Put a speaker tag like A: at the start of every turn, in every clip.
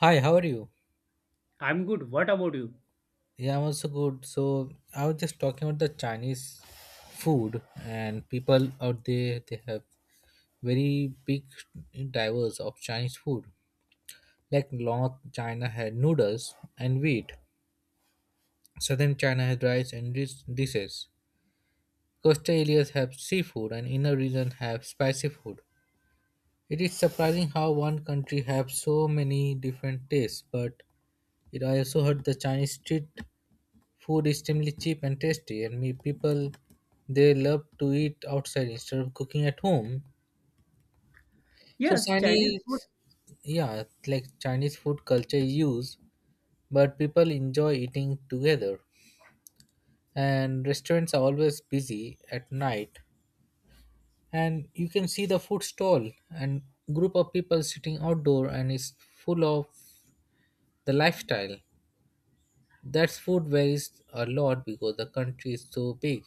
A: Hi, how are you?
B: I'm good. What about you?
A: Yeah, I'm also good. So I was just talking about the Chinese food and people out there they have very big diverse of Chinese food. Like North China had noodles and wheat. Southern China has rice and dishes. Coastal areas have seafood and inner region have spicy food. It is surprising how one country have so many different tastes, but it I also heard the Chinese street food is extremely cheap and tasty, and me people they love to eat outside instead of cooking at home. So
B: Yes, Chinese food.
A: Chinese, yeah, like Chinese food culture is used, but people enjoy eating together. And restaurants are always busy at night, and you can see the food stall and group of people sitting outdoor, and it's full of the lifestyle. That's food varies a lot because the country is so big.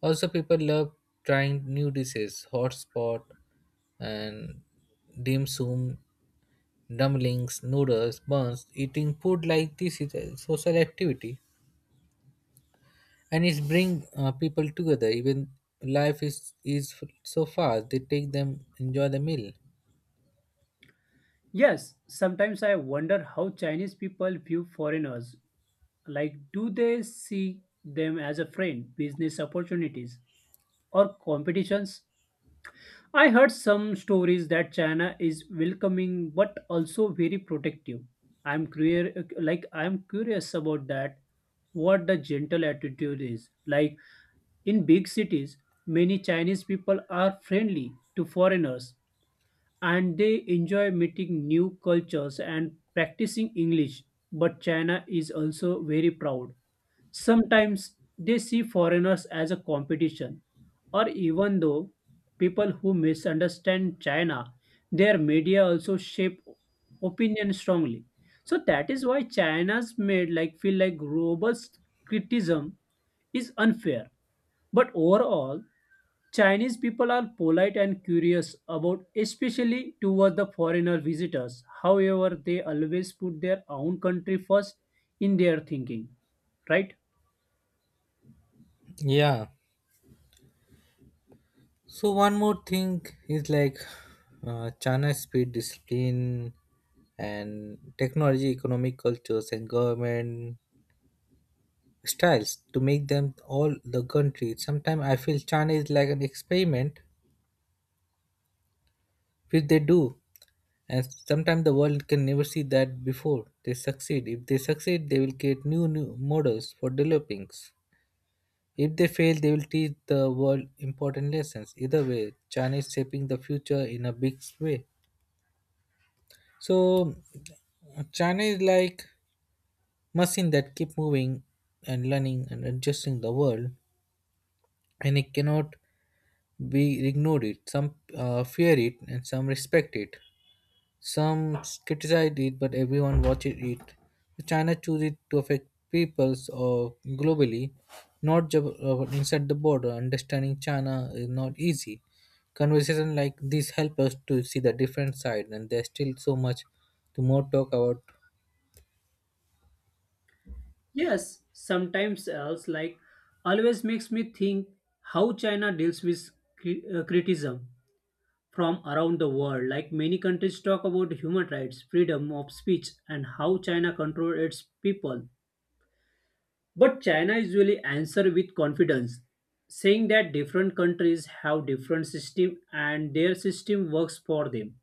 A: Also, people love trying new dishes, hot and dim sum, dumplings, noodles, buns. Eating food like this is a social activity, and it brings people together. Even life is so fast; they take them enjoy the meal.
B: Yes, sometimes I wonder how Chinese people view foreigners. Like, do they see them as a friend, business opportunities, or competitions? I heard some stories that China is welcoming but also very protective. I'm curious about that. What the gentle attitude is like in big cities, many Chinese people are friendly to foreigners and they enjoy meeting new cultures and practicing English. But China is also very proud. Sometimes they see foreigners as a competition, or even though people who misunderstand China, their media also shape opinion strongly. So that is why China's made like feel like robust criticism is unfair. But overall, Chinese people are polite and curious about, especially toward the foreigner visitors. However, they always put their own country first in their thinking, right?
A: Yeah. So one more thing is like China speed discipline and technology, economic cultures, and government styles to make them all the country. Sometimes I feel China is like an experiment which they do, and sometimes the world can never see that before they succeed. If they succeed, they will create new models for developing. If they fail, they will teach the world important lessons. Either way, China is shaping the future in a big way. So China is like machine that keep moving and learning and adjusting the world, and it cannot we ignored it. Some fear it, and some respect it. Some criticize it, but everyone watches it. China chooses it to affect peoples or globally, not just inside the border. Understanding China is not easy. Conversation like this help us to see the different side, and there's still so much to more talk about.
B: Yes, sometimes else like always makes me think how China deals with criticism from around the world. Like many countries talk about human rights, freedom of speech, and how China controls its people. But China usually answer with confidence, saying that different countries have different system and their system works for them.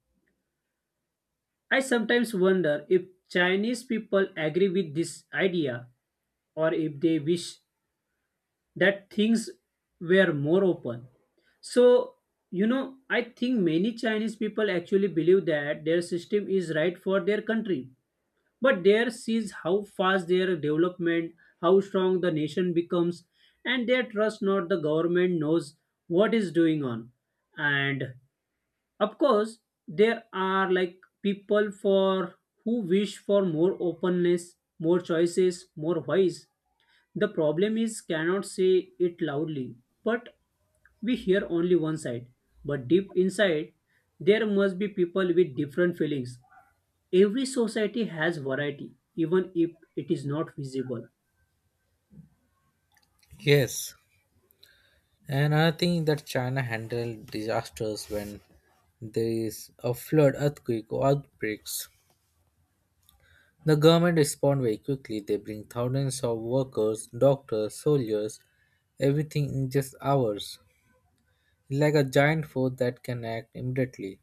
B: I sometimes wonder if Chinese people agree with this idea or if they wish that things were more open. So, I think many Chinese people actually believe that their system is right for their country but there sees how fast their development, how strong the nation becomes, and they trust not the government knows what is doing on. And of course, there are like people for who wish for more openness, more choices, more voice. The problem is cannot say it loudly, but we hear only one side. But deep inside, there must be people with different feelings every society has variety even if it is not visible.
A: Yes, and another thing that China handled disasters when there is a flood, earthquake, or outbreaks. The government respond very quickly. They bring thousands of workers, doctors, soldiers, everything in just hours. Like a giant force that can act immediately.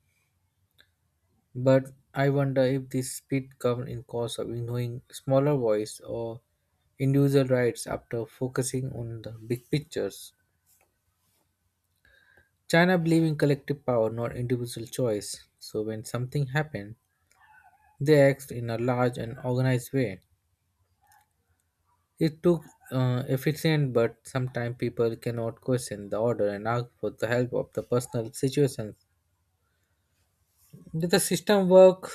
A: But I wonder if this speed comes in cause of ignoring smaller voice or individual rights after focusing on the big pictures. China believe in collective power, not individual choice. So when something happens, they act in a large and organized way. It took efficient, but sometimes people cannot question the order and ask for the help of the personal situations. Did the system work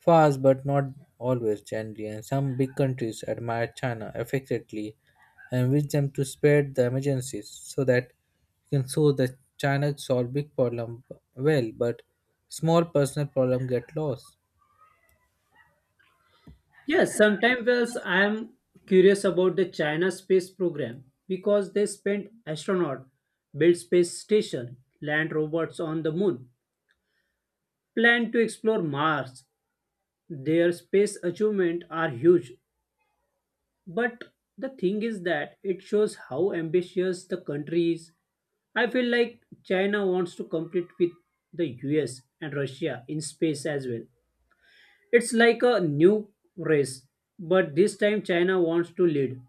A: fast, but not always gently? And some big countries admire China affectionately and wish them to spread the emergencies so that you can show that China solve big problem well, but small personal problem get lost.
B: Yes, sometimes else I am curious about the China space program because they spent astronaut build space station land robots on the moon plan to explore Mars. Their space achievement are huge, but the thing is that it shows how ambitious the country is. I feel like China wants to compete with the US and Russia in space as well. It's like a new race, but this time China wants to lead.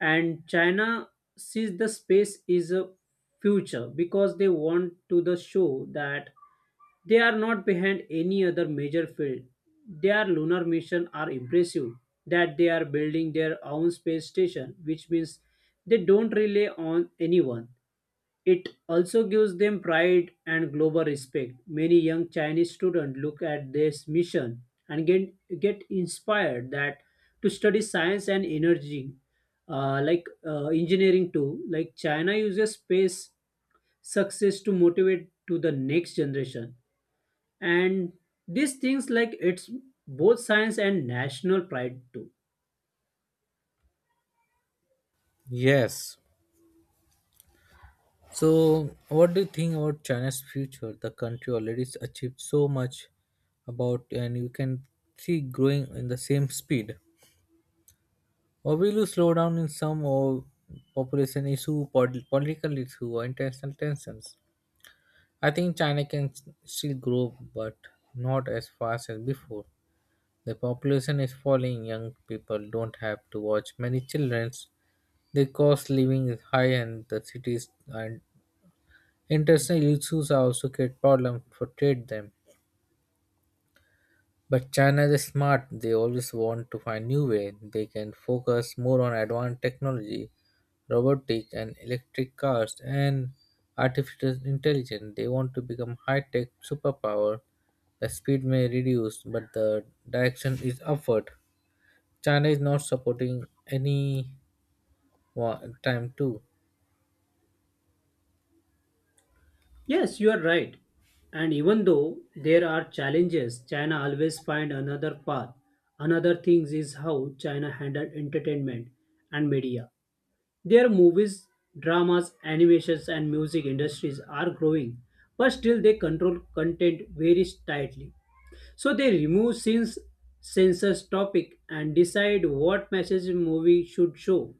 B: And China sees the space is a future because they want to the show that they are not behind any other major field. Their lunar mission are impressive that they are building their own space station, which means they don't rely on anyone. It also gives them pride and global respect. Many young Chinese students look at this mission and get inspired that to study science and energy, like engineering too. Like China uses space success to motivate to the next generation, and these things like it's both science and national pride too.
A: Yes, so what do you think about China's future? The country already has achieved so much about, and you can see growing in the same speed. Or will you slow down in some or population issue, political issue, or international tensions? I think China can still grow, but not as fast as before. The population is falling. Young people don't have to watch many children. The cost living is high, and the cities are international issues are also create problems for trade them. But China is smart. They always want to find new way. They can focus more on advanced technology, robotics and electric cars and artificial intelligence. They want to become high-tech superpower. The speed may reduce, but the direction is upward. China is not supporting any time too.
B: Yes, you are right. And even though there are challenges, China always find another path. Another thing is how China handled entertainment and media. Their movies, dramas, animations, and music industries are growing, but still they control content very tightly. So they remove scenes, censors topic, and decide what message a movie should show.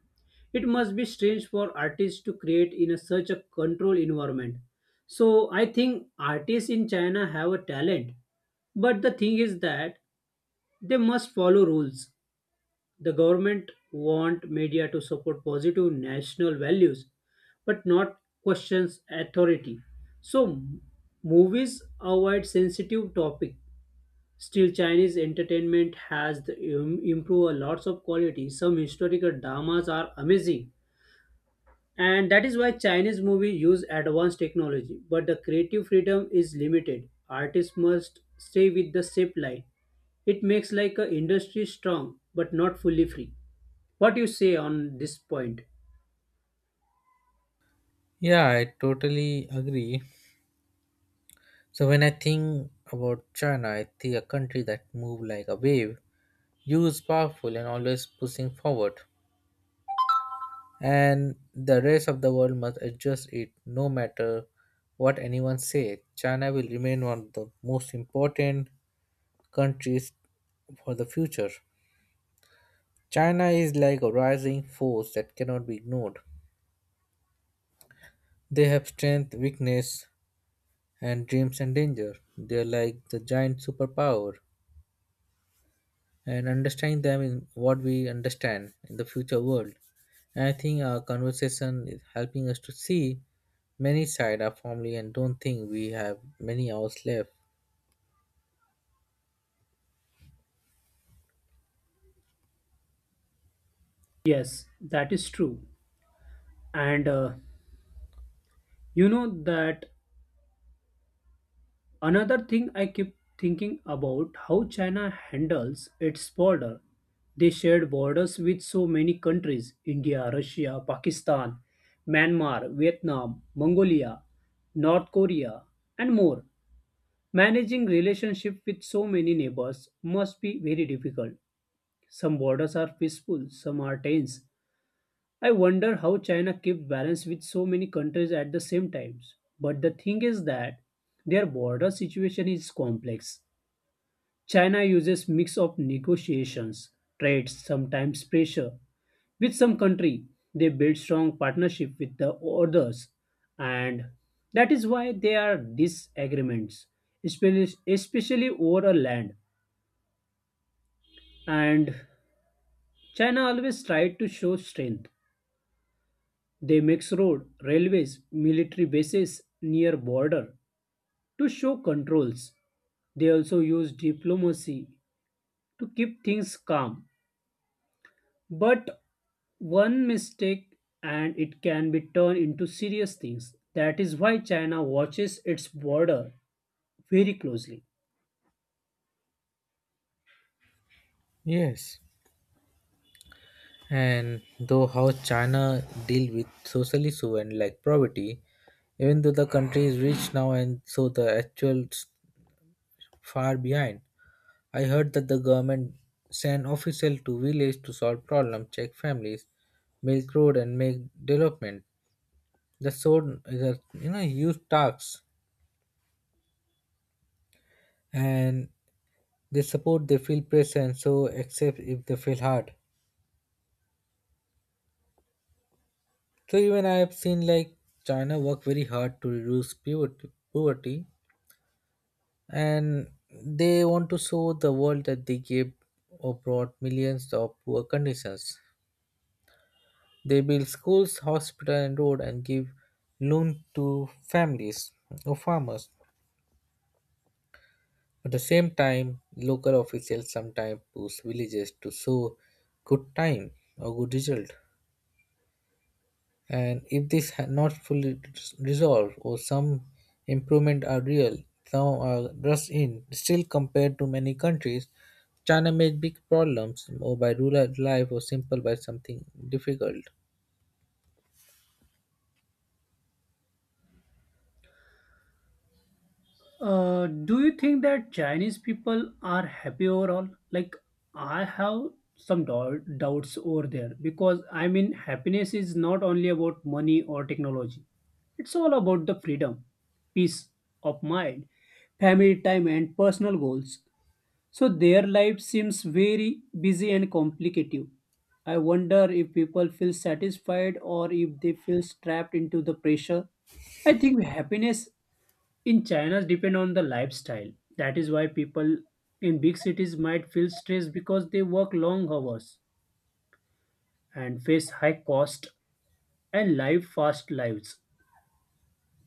B: It must be strange for artists to create in a such a controlled environment. So I think artists in China have a talent, but the thing is that they must follow rules the government want media to support positive national values but not questions authority. So movies avoid sensitive topic. Still, Chinese entertainment has the, improved a lots of quality. Some historical dramas are amazing, and that is why Chinese movie use advanced technology. But the creative freedom is limited. Artists must stay with the shape line. It makes like a industry strong but not fully free. What you say on this point?
A: Yeah, I totally agree. So when I think about China, I see a country that moves like a wave, huge, powerful, and always pushing forward. And the rest of the world must adjust it, no matter what anyone says. China will remain one of the most important countries for the future. China is like a rising force that cannot be ignored. They have strength, weakness, and dreams and danger. They are like the giant superpower and understand them in what we understand in the future world. And I think our conversation is helping us to see many side of family and don't think we have many hours left.
B: Yes, that is true. And you know that another thing I keep thinking about how China handles its border. They shared borders with so many countries India, Russia, Pakistan, Myanmar, Vietnam, Mongolia, North Korea, and more. Managing relationship with so many neighbors must be very difficult. Some borders are peaceful, some are tense, I wonder how China kept balance with so many countries at the same times. But the thing is that their border situation is complex. China uses mix of negotiations, trades, sometimes pressure. With some country, they build strong partnership with the others, and that is why there are disagreements, especially over a land. And China always tried to show strength. They makes road, railways, military bases near border to show controls. They also use diplomacy to keep things calm. But one mistake and it can be turned into serious things. That is why China watches its border very closely.
A: Yes. And though how China deal with social issue and like poverty, even though the country is rich now and so the actual far behind. I heard that the government send official to village to solve problem, check families, milk road and make development. The sword is a you know huge tasks, and they support they feel present so except if they feel hard. So even I have seen like China work very hard to reduce poverty and they want to show the world that they gave or brought millions of poor conditions. They build schools, hospital and road and give loan to families or farmers. At the same time, local officials sometimes push villages to show good time or good result. And if this had not fully resolved or some improvement are real, some are just in, still compared to many countries, China made big problems or by rural life or simple by something difficult.
B: Do you think that Chinese people are happy overall? Like, I have some doubts over there because I mean, happiness is not only about money or technology, it's all about the freedom, peace of mind, family time, and personal goals. So, their life seems very busy and complicated. I wonder if people feel satisfied or if they feel trapped into the pressure. I think happiness in China, depend on the lifestyle. That is why people in big cities might feel stressed because they work long hours and face high cost and live fast lives.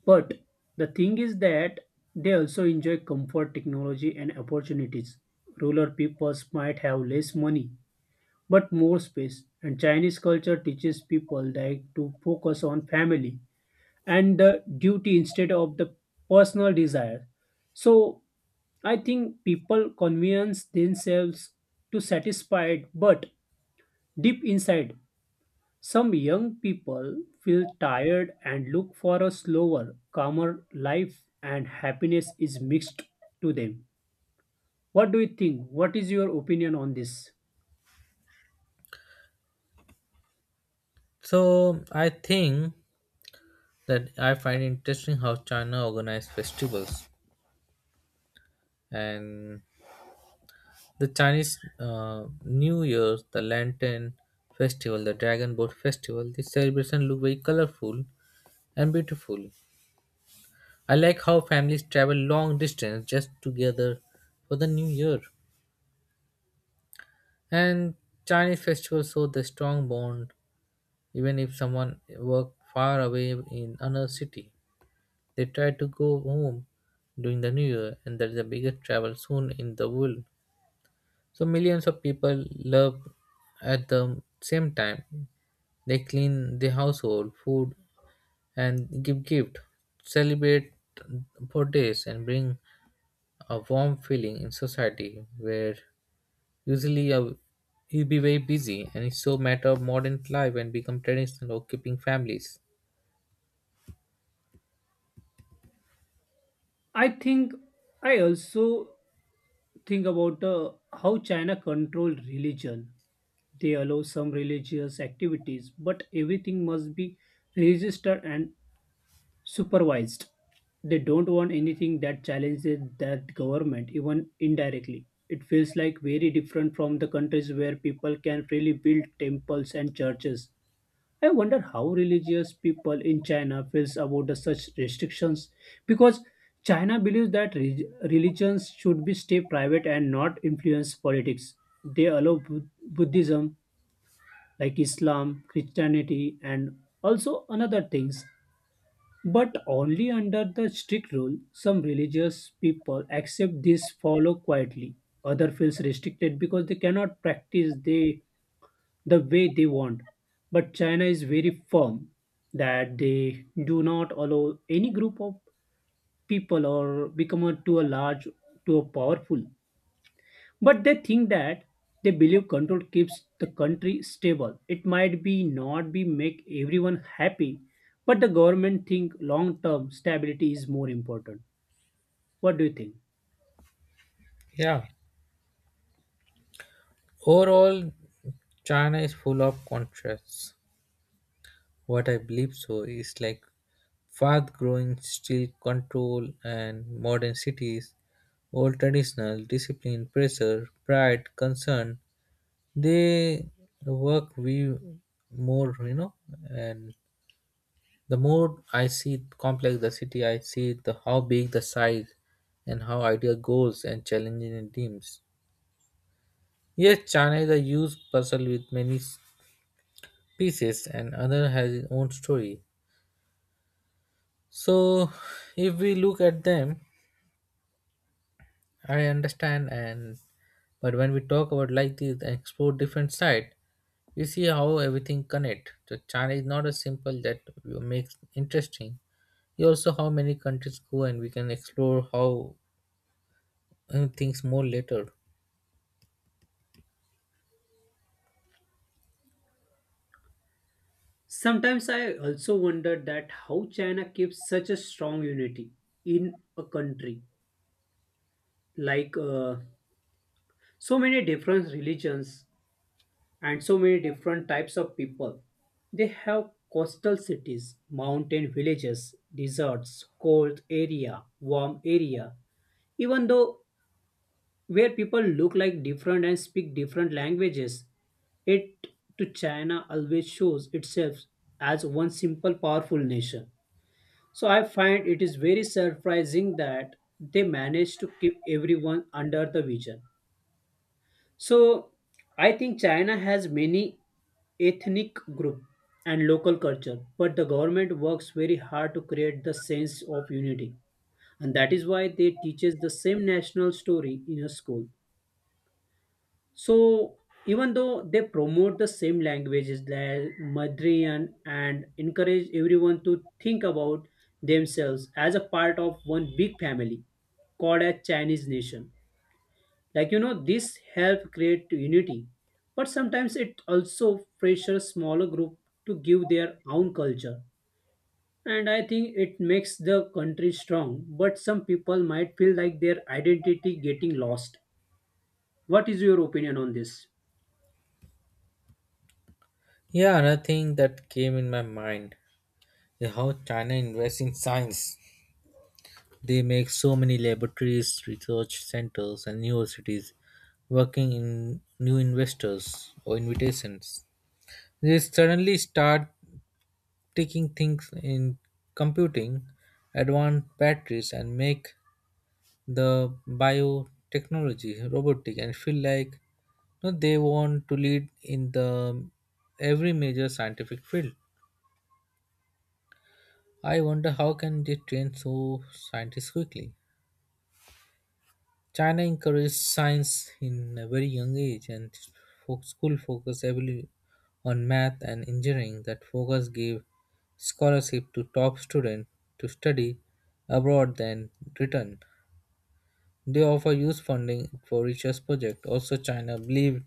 B: But the thing is that they also enjoy comfort, technology, and opportunities. Rural peoples might have less money but more space, and Chinese culture teaches people like to focus on family and the duty instead of the personal desire. So I think people convince themselves to satisfied, but deep inside, some young people feel tired and look for a slower, calmer life, and happiness is mixed to them. What do you think? What is your opinion on this?
A: So I think that I find interesting how China organized festivals and the Chinese New Year, the Lantern Festival, the Dragon Boat Festival, these celebrations look very colorful and beautiful. I like how families travel long distance just together for the New Year. And Chinese festivals show the strong bond, even if someone work far away in another city. They try to go home during the New Year, and that is the biggest travel soon in the world. So millions of people love at the same time they clean the household, food, and give gift, celebrate birthdays, and bring a warm feeling in society where usually you'll be very busy and it's so matter of modern life and become traditional or keeping families.
B: I think I also think about how China control religion. They allow some religious activities, but everything must be registered and supervised. They don't want anything that challenges that government, even indirectly. It feels like very different from the countries where people can freely build temples and churches. I wonder how religious people in China feels about the such restrictions because China believes that religions should be stay private and not influence politics. They allow Buddhism like Islam, Christianity and also another things but only under the strict rule, some religious people accept this follow quietly. Other feels restricted because they cannot practice they, the way they want. But China is very firm that they do not allow any group of people or become a, too a large, too powerful. But they think that they believe control keeps the country stable. It might be not be make everyone happy, but the government think long term stability is more important. What do you think?
A: Yeah. Overall, China is full of contrasts. What I believe so is like fast growing still control and modern cities, old traditional discipline, pressure, pride, concern, they work we more you know and the more I see complex the city I see the how big the size and how ideal goals and challenging in teams. Yes, China is a huge puzzle with many pieces and other has its own story. So if we look at them I understand and but when we talk about like this and explore different side, we see how everything connect. So China is not as simple that you makes interesting. Yeah, also how many countries go and we can explore how things more later.
B: Sometimes I also wonder that how China keeps such a strong unity in a country like so many different religions and so many different types of people. They have coastal cities, mountain villages, deserts, cold area, warm area. Even though where people look like different and speak different languages, it to China always shows itself as one simple powerful nation. So I find it is very surprising that they managed to keep everyone under the vision. So I think China has many ethnic group and local culture, but the government works very hard to create the sense of unity. And that is why they teaches the same national story in a school. So even though they promote the same languages like Madrian and encourage everyone to think about themselves as a part of one big family called a Chinese nation like this help create unity but sometimes it also pressures smaller group to give their own culture. And I think it makes the country strong but some people might feel like their identity getting lost. What is your opinion on this?
A: Yeah, another thing that came in my mind is how China invests in science. They make so many laboratories research centers and universities working in new investors or invitations. They suddenly start taking things in computing advanced batteries and make the biotechnology robotic and feel like no, they want to lead in the every major scientific field. I wonder how can they train so scientists quickly. China encourages science in a very young age, and school focus heavily on math and engineering. That focus gave scholarship to top students to study abroad then return. They offer youth funding for research project. Also, China believed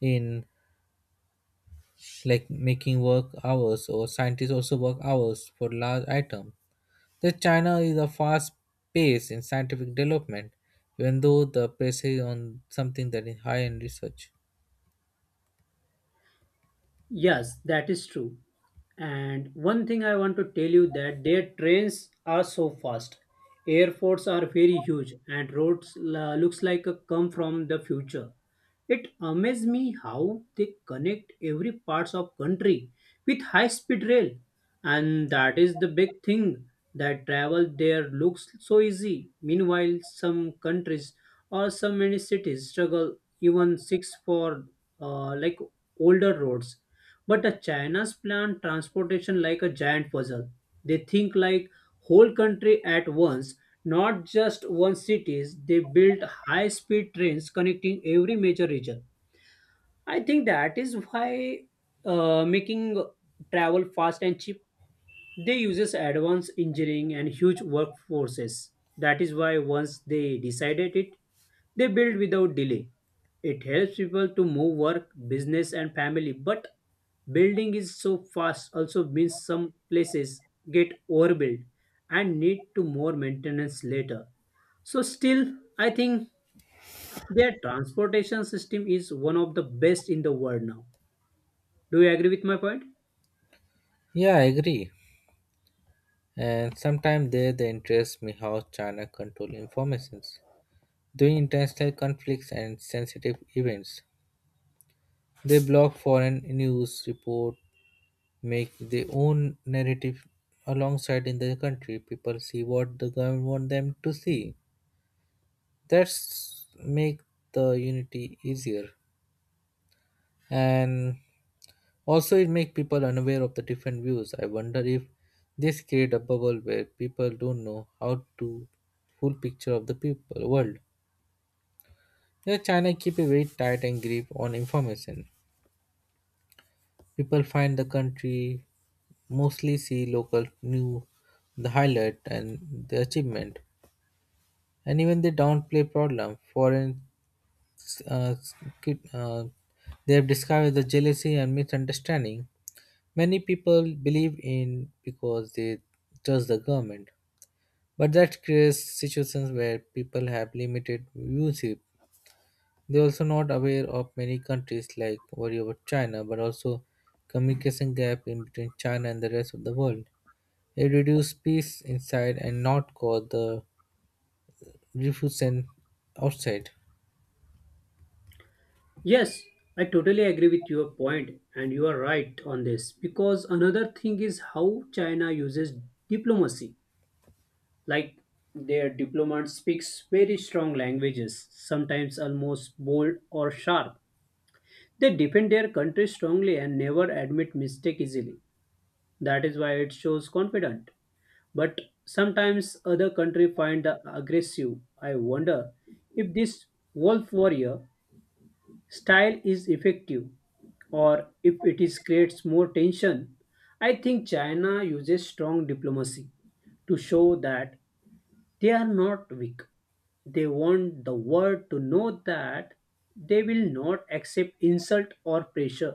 A: in like making work hours or scientists also work hours for large items. The China is a fast pace in scientific development, even though the pressure is on something that is high in research.
B: Yes, that is true. And one thing I want to tell you that their trains are so fast. Airports are very huge and roads looks like a come from the future. It amazes me how they connect every parts of country with high speed rail. And that is the big thing that travel there looks so easy. Meanwhile, some countries or some many cities struggle even six for like older roads but the China's plan transportation like a giant puzzle. They think like whole country at once, not just one cities. They build high-speed trains connecting every major region. I think that is why making travel fast and cheap. They uses advanced engineering and huge workforces. That is why once they decided it, they build without delay. It helps people to move work, business and family, but building is so fast also means some places get overbuilt and need to more maintenance later. So still I think their transportation system is one of the best in the world now. Do you agree with my point?
A: Yeah, I agree. And sometimes there the interest me how China control informations during international conflicts and sensitive events. They block foreign news report, make their own narrative alongside in their country. People see what the government want them to see. That's make the unity easier, and also it make people unaware of the different views. I wonder if this create a bubble where people don't know how to full picture of the people world. Yeah, China keep a very tight and grip on information. People find the country mostly see local new the highlight and the achievement and even they downplay problem foreign uh, could- uh, they have discovered the jealousy and misunderstanding. Many people believe in because they trust the government, but that creates situations where people have limited viewership. They are also not aware of many countries like worry about China but also communication gap in between China and the rest of the world. It reduces peace inside and not cause the refusion outside.
B: Yes, I totally agree with your point, and you are right on this. Because another thing is how China uses diplomacy. Like their diplomat speaks very strong languages, sometimes almost bold or sharp. They defend their country strongly and never admit mistake easily. That is why it shows confident. But sometimes other country find the aggressive. I wonder if this wolf warrior style is effective or if it is creates more tension. I think China uses strong diplomacy to show that they are not weak. They want the world to know that they will not accept insult or pressure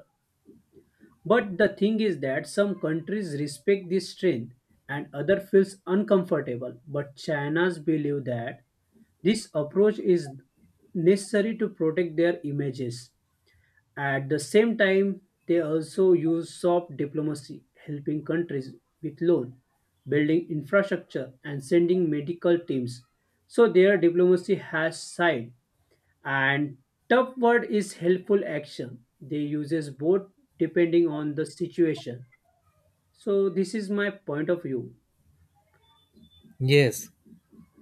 B: but the thing is that some countries respect this strength and other feels uncomfortable but China's believe that this approach is necessary to protect their images. At the same time, they also use soft diplomacy, helping countries with loan, building infrastructure, and sending medical teams. So their diplomacy has side. And tough word is helpful action. They uses both depending on the situation. So this is my point of view.
A: Yes,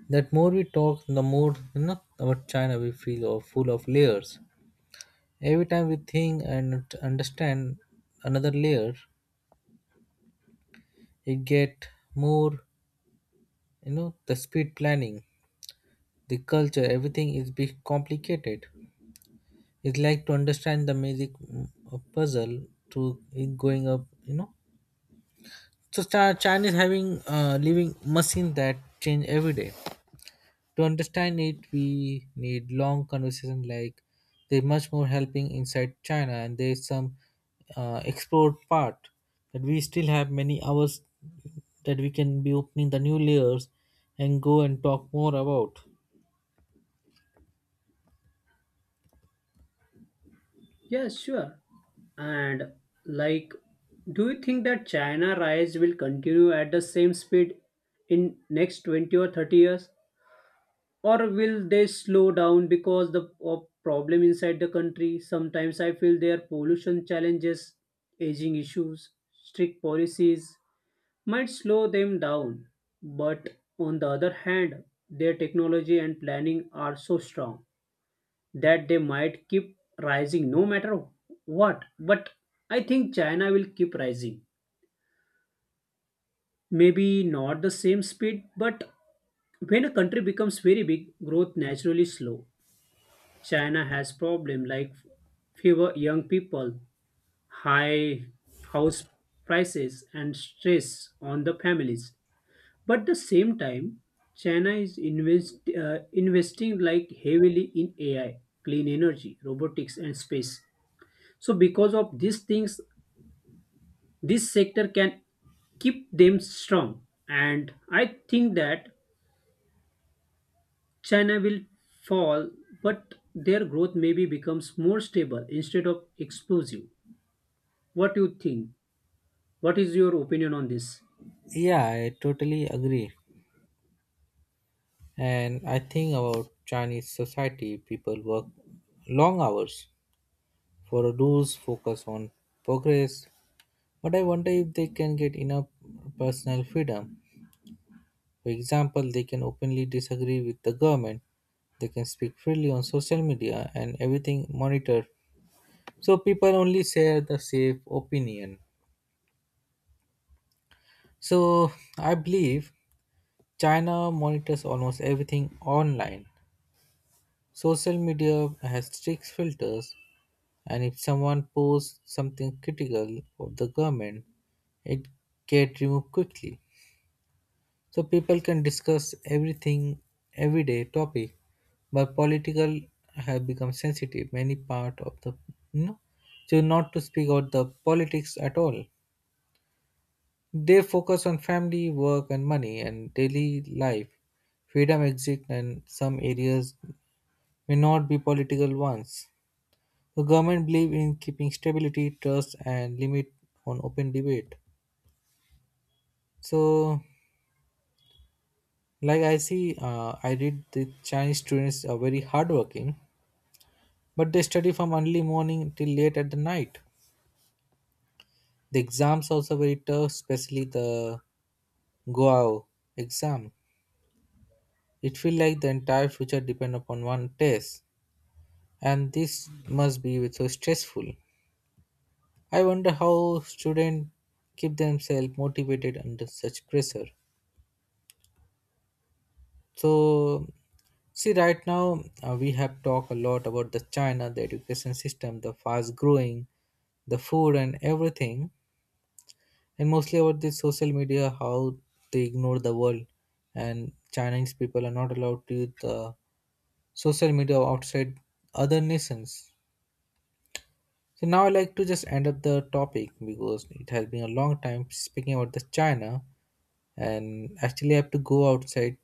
A: that more we talk, the more you know about China we feel are full of layers. Every time we think and understand another layer, it get more you know the speed planning, the culture, everything is be complicated. It's like to understand the magic of puzzle to it going up, you know. So China is having living machine that change every day. To understand it we need long conversation like there's much more helping inside China and there's some explored part that we still have many hours that we can be opening the new layers and go and talk more about.
B: Yes, sure. And like, do you think that China rise will continue at the same speed in next 20 or 30 years? Or will they slow down because the of problem inside the country? Sometimes I feel their pollution challenges aging issues strict policies might slow them down but on the other hand their technology and planning are so strong that they might keep rising no matter what. But I think China will keep rising maybe not the same speed but when a country becomes very big growth naturally slow. China has problem like fewer young people, high house prices and stress on the families. But the same time, China is investing like heavily in AI, clean energy, robotics and space. So because of these things, this sector can keep them strong. And I think that China will fall, but their growth maybe becomes more stable instead of explosive. What do you think? What is your opinion on this?
A: Yeah, I totally agree. And I think about Chinese society people work long hours for rules focus on progress but I wonder if they can get enough personal freedom. For example, they can openly disagree with the government, they can speak freely on social media and everything monitored. So people only share the safe opinion. So I believe China monitors almost everything online. Social media has strict filters, and if someone posts something critical of the government, it get removed quickly. So people can discuss everything, everyday topic, but political have become sensitive. Many part of the you know, so not to speak about the politics at all. They focus on family, work, and money and daily life. Freedom exists, and some areas may not be political ones. The government believe in keeping stability, trust, and limit on open debate. So, like I see, I read the Chinese students are very hardworking but they study from early morning till late at the night. The exams also very tough, especially the Goao exam. It feel like the entire future depend upon one test, and this must be so stressful. I wonder how students keep themselves motivated under such pressure. So see, right now we have talked a lot about the China, the education system, the fast growing, the food, and everything. And mostly about this social media how they ignore the world and Chinese people are not allowed to use the social media outside other nations. So now I like to just end up the topic because it has been a long time speaking about the China, and actually I have to go outside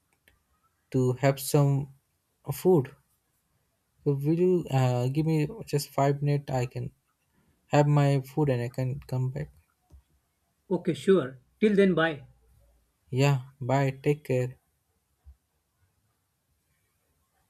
A: to have some food. So will you give me just 5 minutes I can have my food and I can come back.
B: Okay, sure. Till then, bye.
A: Yeah, bye. Take care.